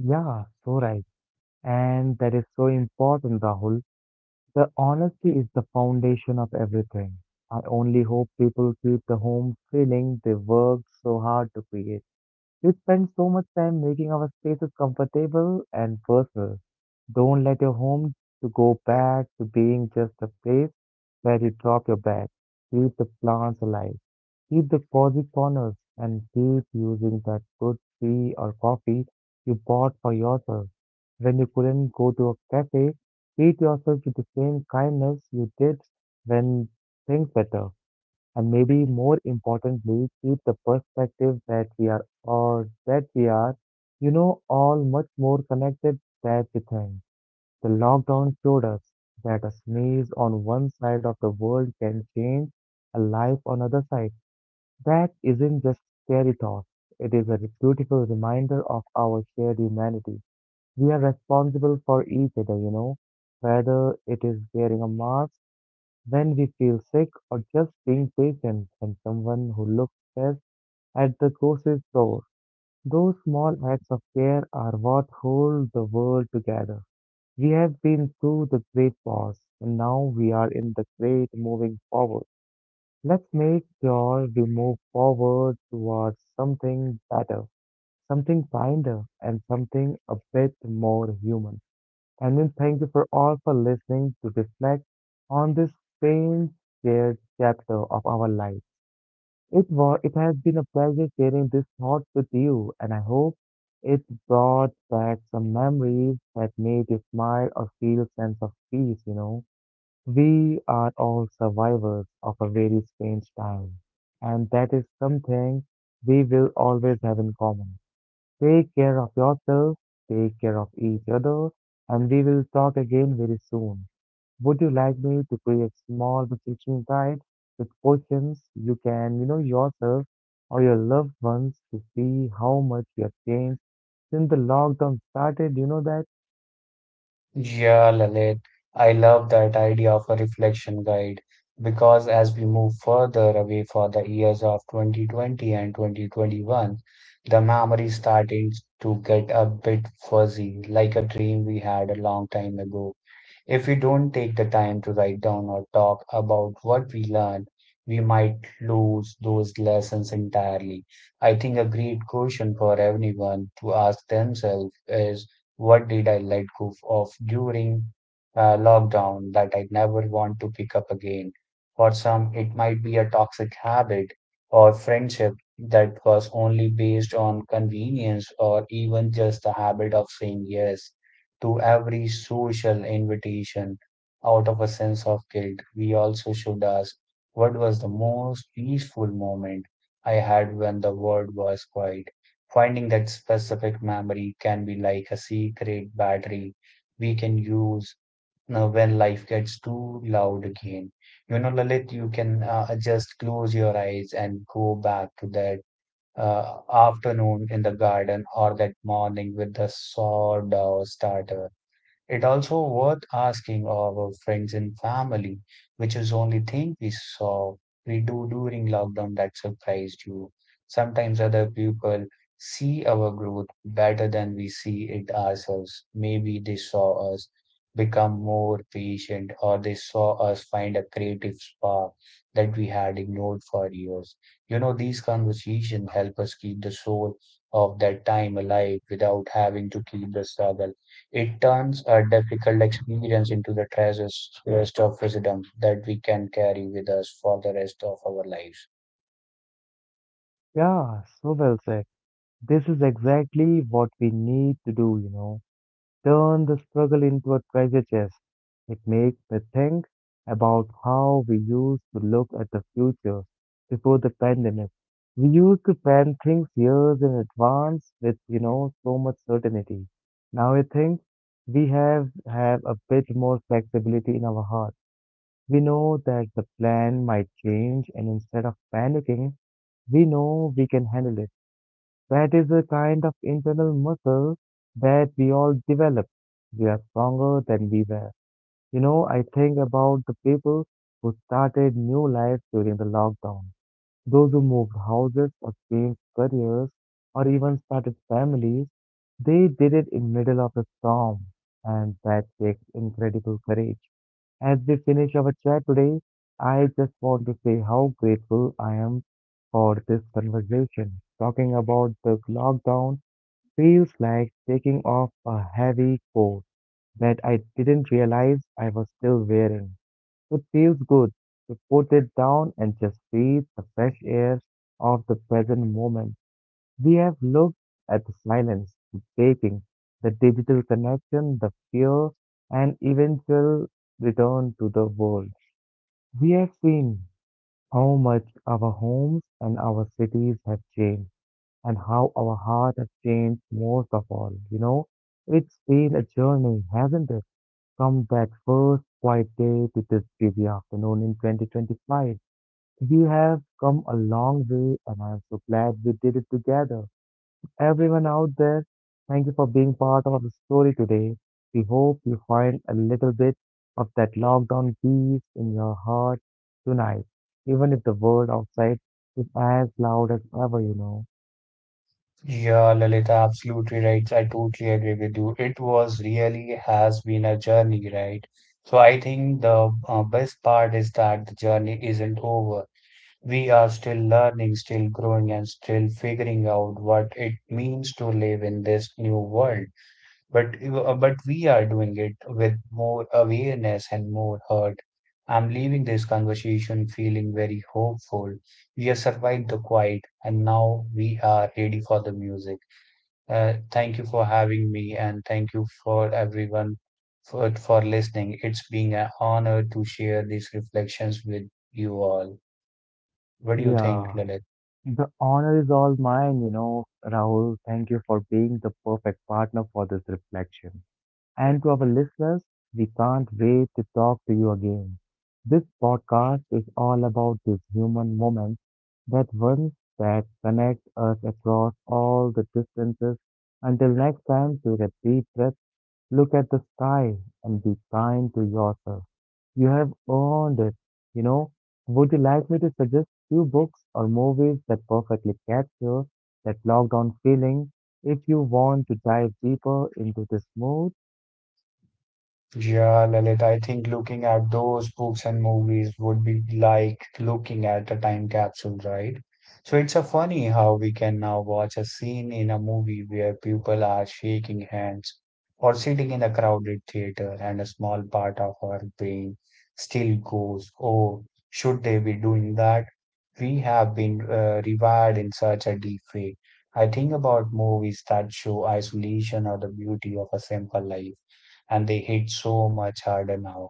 Yeah, so right. And that is so important, Rahul. The honesty is the foundation of everything. I only hope people keep the home feeling they worked so hard to create. We spend so much time making our spaces comfortable and personal. Don't let your home to go back to being just a place where you drop your bag. Keep the plants alive. Keep the cozy corners and keep using that good tea or coffee you bought for yourself. When you couldn't go to a cafe, treat yourself with the same kindness you did when things better. And maybe more importantly, keep the perspective that we are or that we are, you know, all much more connected than you think. The lockdown showed us that a sneeze on one side of the world can change a life on other side. That isn't just scary thought, it is a beautiful reminder of our shared humanity. We are responsible for each other, you know, whether it is wearing a mask when we feel sick or just being patient when someone who looks stressed at the grocery store. Those small acts of care are what hold the world together. We have been through the great pause and now we are in the great moving forward. Let's make sure we move forward towards something better, something kinder, and something a bit more human. And we thank you for all for listening to reflect on this strange, shared chapter of our life. It was, it has been a pleasure sharing this thought with you, and I hope it brought back some memories that made you smile or feel sense of peace, you know. We are all survivors of a very strange time, and that is something we will always have in common. Take care of yourself, take care of each other, and we will talk again very soon. Would you like me to create small vacation guide with questions you can, you know, yourself or your loved ones to see how much you have changed since the lockdown started? You know that?
Yeah, Lalit. I love that idea of a reflection guide because as we move further away for the years of twenty twenty and twenty twenty-one, the memory starting to get a bit fuzzy, like a dream we had a long time ago. If we don't take the time to write down or talk about what we learned, we might lose those lessons entirely. I think a great question for everyone to ask themselves is what did I let go of during uh, lockdown that I never want to pick up again? For some, it might be a toxic habit or friendship that was only based on convenience or even just the habit of saying yes to every social invitation out of a sense of guilt. We also should ask what was the most peaceful moment I had when the world was quiet. Finding that specific memory can be like a secret battery we can use uh, when life gets too loud again. You know, Lalit, you can uh, just close your eyes and go back to that uh, afternoon in the garden or that morning with the sawed starter. It also worth asking our friends and family, which is only thing we saw we do during lockdown that surprised you. Sometimes other people see our growth better than we see it ourselves. Maybe they saw us become more patient or they saw us find a creative spark that we had ignored for years. You know, these conversations help us keep the soul of that time alive without having to keep the struggle it turns a difficult experience into the treasures rest of wisdom that we can carry with us for the rest of our lives.
Yeah, so well said. This is exactly what we need to do, you know. Turn the struggle into a treasure chest. It makes me think about how we used to look at the future before the pandemic. We used to plan things years in advance with, you know, so much certainty. Now I think we have have a bit more flexibility in our heart. We know that the plan might change, and instead of panicking, we know we can handle it. That is a kind of internal muscle that we all develop. We are stronger than we were. You know, I think about the people who started new lives during the lockdown. Those who moved houses or changed careers or even started families, they did it in middle of a storm. And that takes incredible courage. As we finish our chat today, I just want to say how grateful I am for this conversation. Talking about the lockdown feels like taking off a heavy coat that I didn't realize I was still wearing. It feels good to put it down and just breathe the fresh air of the present moment. We have looked at the silence, the breaking, the digital connection, the fear, and eventual return to the world. We have seen how much our homes and our cities have changed, and how our heart has changed most of all. You know, it's been a journey, hasn't it? From that first quiet day to this busy afternoon in twenty twenty-five. We have come a long way, and I'm so glad we did it together everyone out there. Thank you for being part of the story today. We hope you find a little bit of that lockdown peace in your heart tonight, even if the world outside is as loud as ever, you know.
Yeah, Lalita, absolutely right. I totally agree with you. It was really has been a journey, right? So I think the uh, best part is that the journey isn't over. We are still learning, still growing, and still figuring out what it means to live in this new world. But uh, but we are doing it with more awareness and more hurt. I'm leaving this conversation feeling very hopeful. We have survived the quiet, and now we are ready for the music. Uh, thank you for having me, and thank you for everyone for for listening. It's been an honor to share these reflections with you all. What do you think,
Yeah,
Lilith?
the honor is all mine, you know, Rahul. Thank you for being the perfect partner for this reflection. And to our listeners, we can't wait to talk to you again. This podcast is all about these human moments, that ones that connect us across all the distances. Until next time, take a deep breath, look at the sky, and be kind to yourself. You have earned it. You know, would you like me to suggest few books or movies that perfectly capture that lockdown feeling? If you want to dive deeper into this mood,
Yeah, Lalit, I think looking at those books and movies would be like looking at a time capsule, right? So it's a funny how we can now watch a scene in a movie where people are shaking hands or sitting in a crowded theater and a small part of our brain still goes, oh, should they be doing that? We have been uh, rewired in such a deep way. I think about movies that show isolation or the beauty of a simple life, and they hit so much harder now.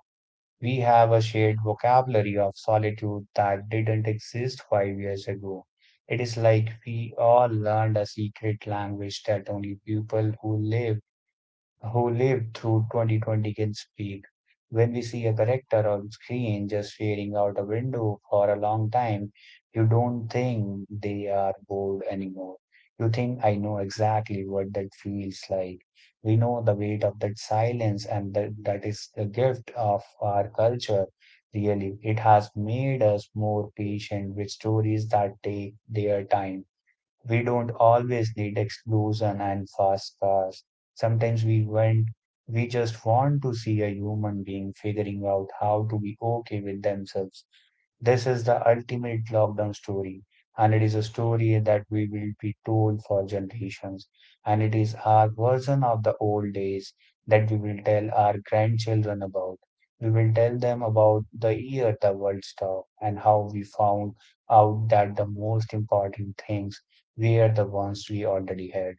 We have a shared vocabulary of solitude that didn't exist five years ago. It is like we all learned a secret language that only people who live who lived through twenty twenty can speak. When we see a character on screen just staring out a window for a long time, you don't think they are bored anymore. You think, I know exactly what that feels like. We know the weight of that silence, and that, that is the gift of our culture, really. It has made us more patient with stories that take their time. We don't always need explosion and fast cars. Sometimes we want, we just want to see a human being figuring out how to be okay with themselves. This is the ultimate lockdown story, and it is a story that we will be told for generations. And it is our version of the old days that we will tell our grandchildren about. We will tell them about the year the world stopped and how we found out that the most important things were the ones we already had.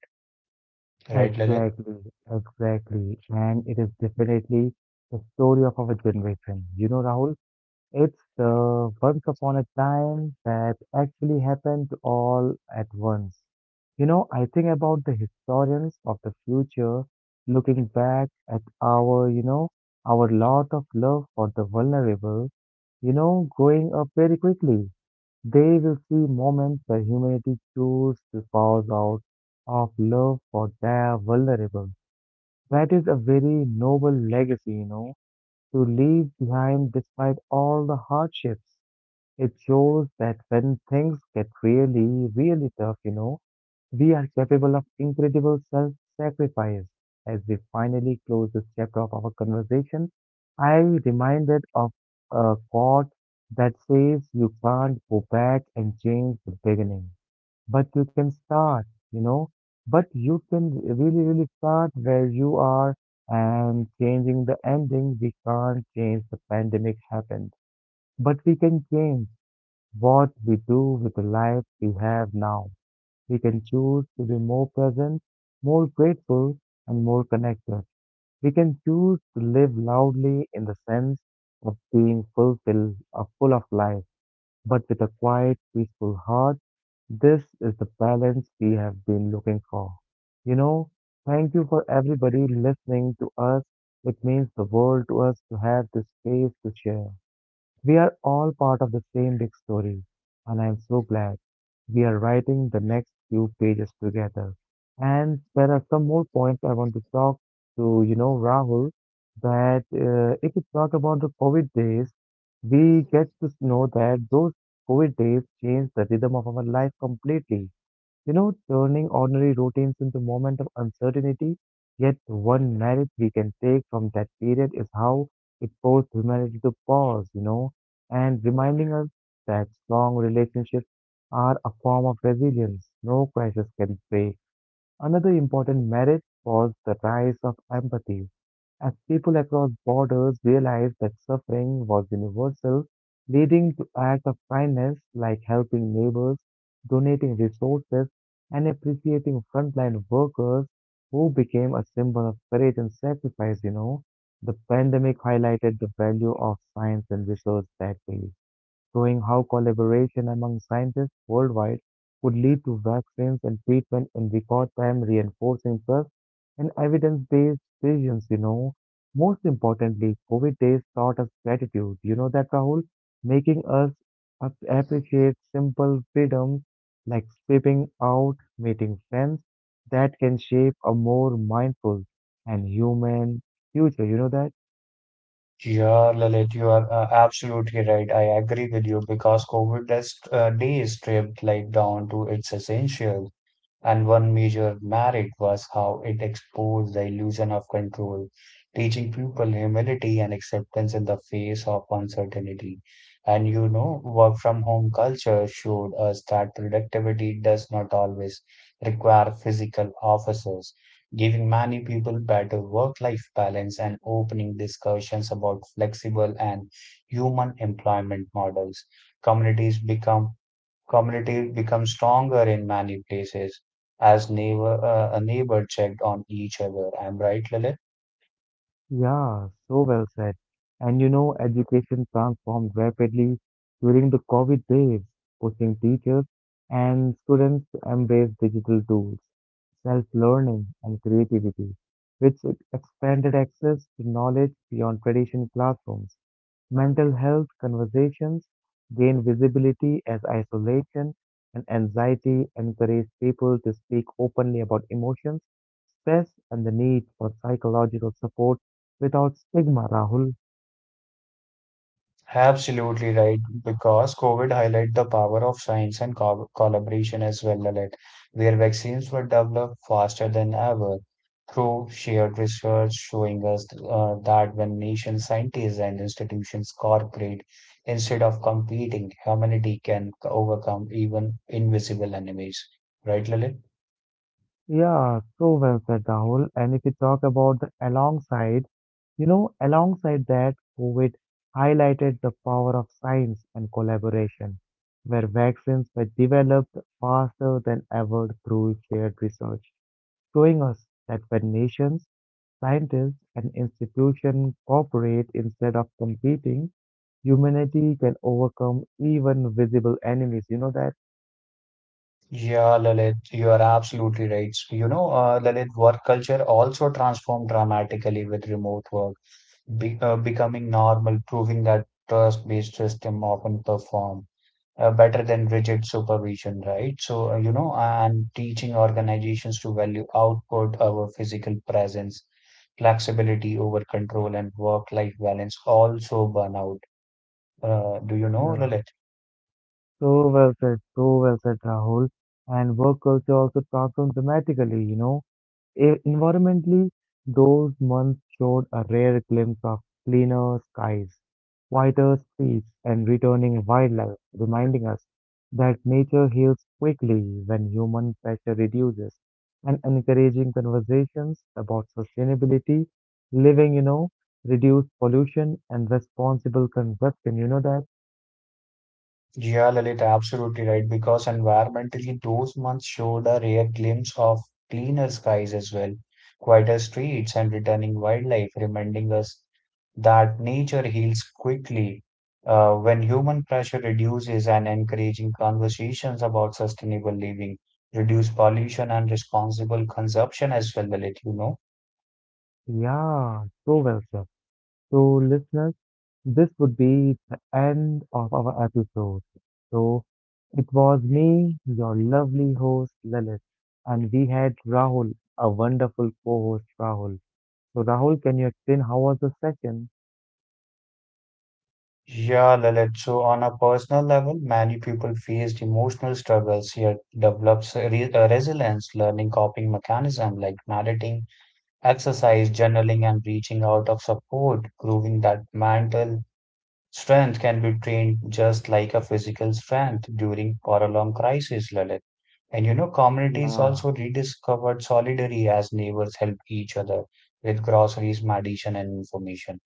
Right, Lalit?
exactly, exactly. And it is definitely the story of our generation. You know, Rahul, it's the once upon a time that actually happened all at once. You know, I think about the historians of the future looking back at our, you know, our lot of love for the vulnerable, you know, growing up very quickly. They will see moments where humanity chooses to pause out of love for their vulnerable. That is a very noble legacy, you know, to leave behind despite all the hardships. It shows that when things get really, really tough, you know, we are capable of incredible self sacrifice. As we finally close this chapter of our conversation, I am reminded of a quote that says you can't go back and change the beginning, but you can start, you know, but you can really, really start where you are and changing the ending. We can't change the pandemic happened, but we can change what we do with the life we have now. We can choose to be more present, more grateful, and more connected. We can choose to live loudly in the sense of being fulfilled, or full of life, but with a quiet, peaceful heart. This is the balance we have been looking for. You know, thank you for everybody listening to us. It means the world to us to have this space to share. We are all part of the same big story, and I am so glad we are writing the next few pages together. And there are some more points I want to talk to, you know, Rahul, that uh, if you talk about the COVID days, we get to know that those COVID days changed the rhythm of our life completely. You know, turning ordinary routines into moments of uncertainty, yet one merit we can take from that period is how it forced humanity to pause, you know, and reminding us that strong relationships are a form of resilience no crisis can break. Another important merit was the rise of empathy as people across borders realized that suffering was universal, leading to acts of kindness like helping neighbors, donating resources, and appreciating frontline workers who became a symbol of courage and sacrifice, you know. The pandemic highlighted the value of science and research that way showing how collaboration among scientists worldwide could lead to vaccines and treatment in record time, reinforcing trust and evidence-based decisions, you know. Most importantly, COVID days taught us gratitude. You know that, Rahul? Making us ap- appreciate simple freedoms like stepping out, meeting friends that can shape a more mindful and human future. You know that?
Yeah, Lalit, you are uh, absolutely right. I agree with you because COVID has uh, days stripped life down to its essential. And one major merit was how it exposed the illusion of control, teaching people humility and acceptance in the face of uncertainty. And you know, work from home culture showed us that productivity does not always require physical offices, giving many people better work life balance and opening discussions about flexible and human employment models. Communities become community becomes stronger in many places as neighbor uh, a neighbor checked on each other. I'm right, Lalit?
Yeah, so well said. And you know, education transformed rapidly during the COVID days, pushing teachers and students to embrace digital tools, self-learning, and creativity, which expanded access to knowledge beyond traditional classrooms. Mental health conversations gain visibility as isolation and anxiety encourage people to speak openly about emotions, stress, and the need for psychological support without stigma, Rahul.
Absolutely right, because COVID highlighted the power of science and co collaboration as well, Lalit, where vaccines were developed faster than ever through shared research, showing us uh, that when nation scientists and institutions cooperate instead of competing, humanity can overcome even invisible enemies. Right, Lalit?
Yeah, so well said, Rahul. And if we talk about the alongside, you know, alongside that, COVID highlighted the power of science and collaboration, where vaccines were developed faster than ever through shared research, showing us that when nations, scientists, and institutions cooperate instead of competing, humanity can overcome even visible enemies. You know that?
Yeah, Lalit, you are absolutely right. You know, uh, Lalit, work culture also transformed dramatically with remote work, be, uh, becoming normal, proving that trust-based system often perform uh, better than rigid supervision, right? So, uh, you know, and teaching organizations to value output over physical presence, flexibility over control, and work-life balance also burnout. Uh, do you know,
Yeah.
Lalit?
So well said, so well said, Rahul. And work culture also transformed dramatically, you know. E- Environmentally, those months showed a rare glimpse of cleaner skies, quieter streets, and returning wildlife, reminding us that nature heals quickly when human pressure reduces, and encouraging conversations about sustainability, living, you know, reduced pollution, and responsible consumption. You know that?
Yeah, Lalit, absolutely right. Because environmentally, those months showed a rare glimpse of cleaner skies as well, quieter streets, and returning wildlife, reminding us that nature heals quickly uh, when human pressure reduces and encouraging conversations about sustainable living, reduce pollution and responsible consumption as well, Lalit, you know.
Yeah, so well said. So, listeners, this would be the end of our episode. So, it was me, your lovely host, Lalit, and we had Rahul, a wonderful co-host, Rahul. So, Rahul, can you explain how was the session?
Yeah, Lalit. So, on a personal level, many people faced emotional struggles, yet develops re uh, resilience, learning coping mechanism like meditating, exercise, journaling, and reaching out of support, proving that mental strength can be trained just like a physical strength during prolonged crisis, Lalit. And you know, communities
Yeah,
also rediscovered solidarity as neighbors help each other with groceries, medicine, and information.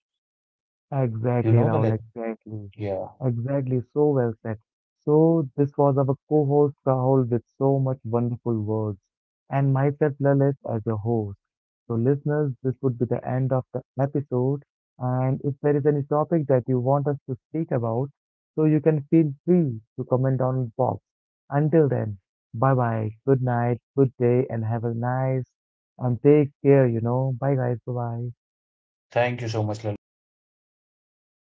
You
exactly,
know,
Rahul,
Lalit.
exactly.
Yeah.
Exactly, so well said. So, this was our co-host, Rahul, with so much wonderful words, and myself, Lalit, as your host. So, listeners, this would be the end of the episode. And if there is any topic that you want us to speak about, so you can feel free to comment on box. Until then, bye bye, good night, good day, and have a nice and take care, you know. Bye guys, bye bye.
Thank you so much, Lalit. Bye-bye.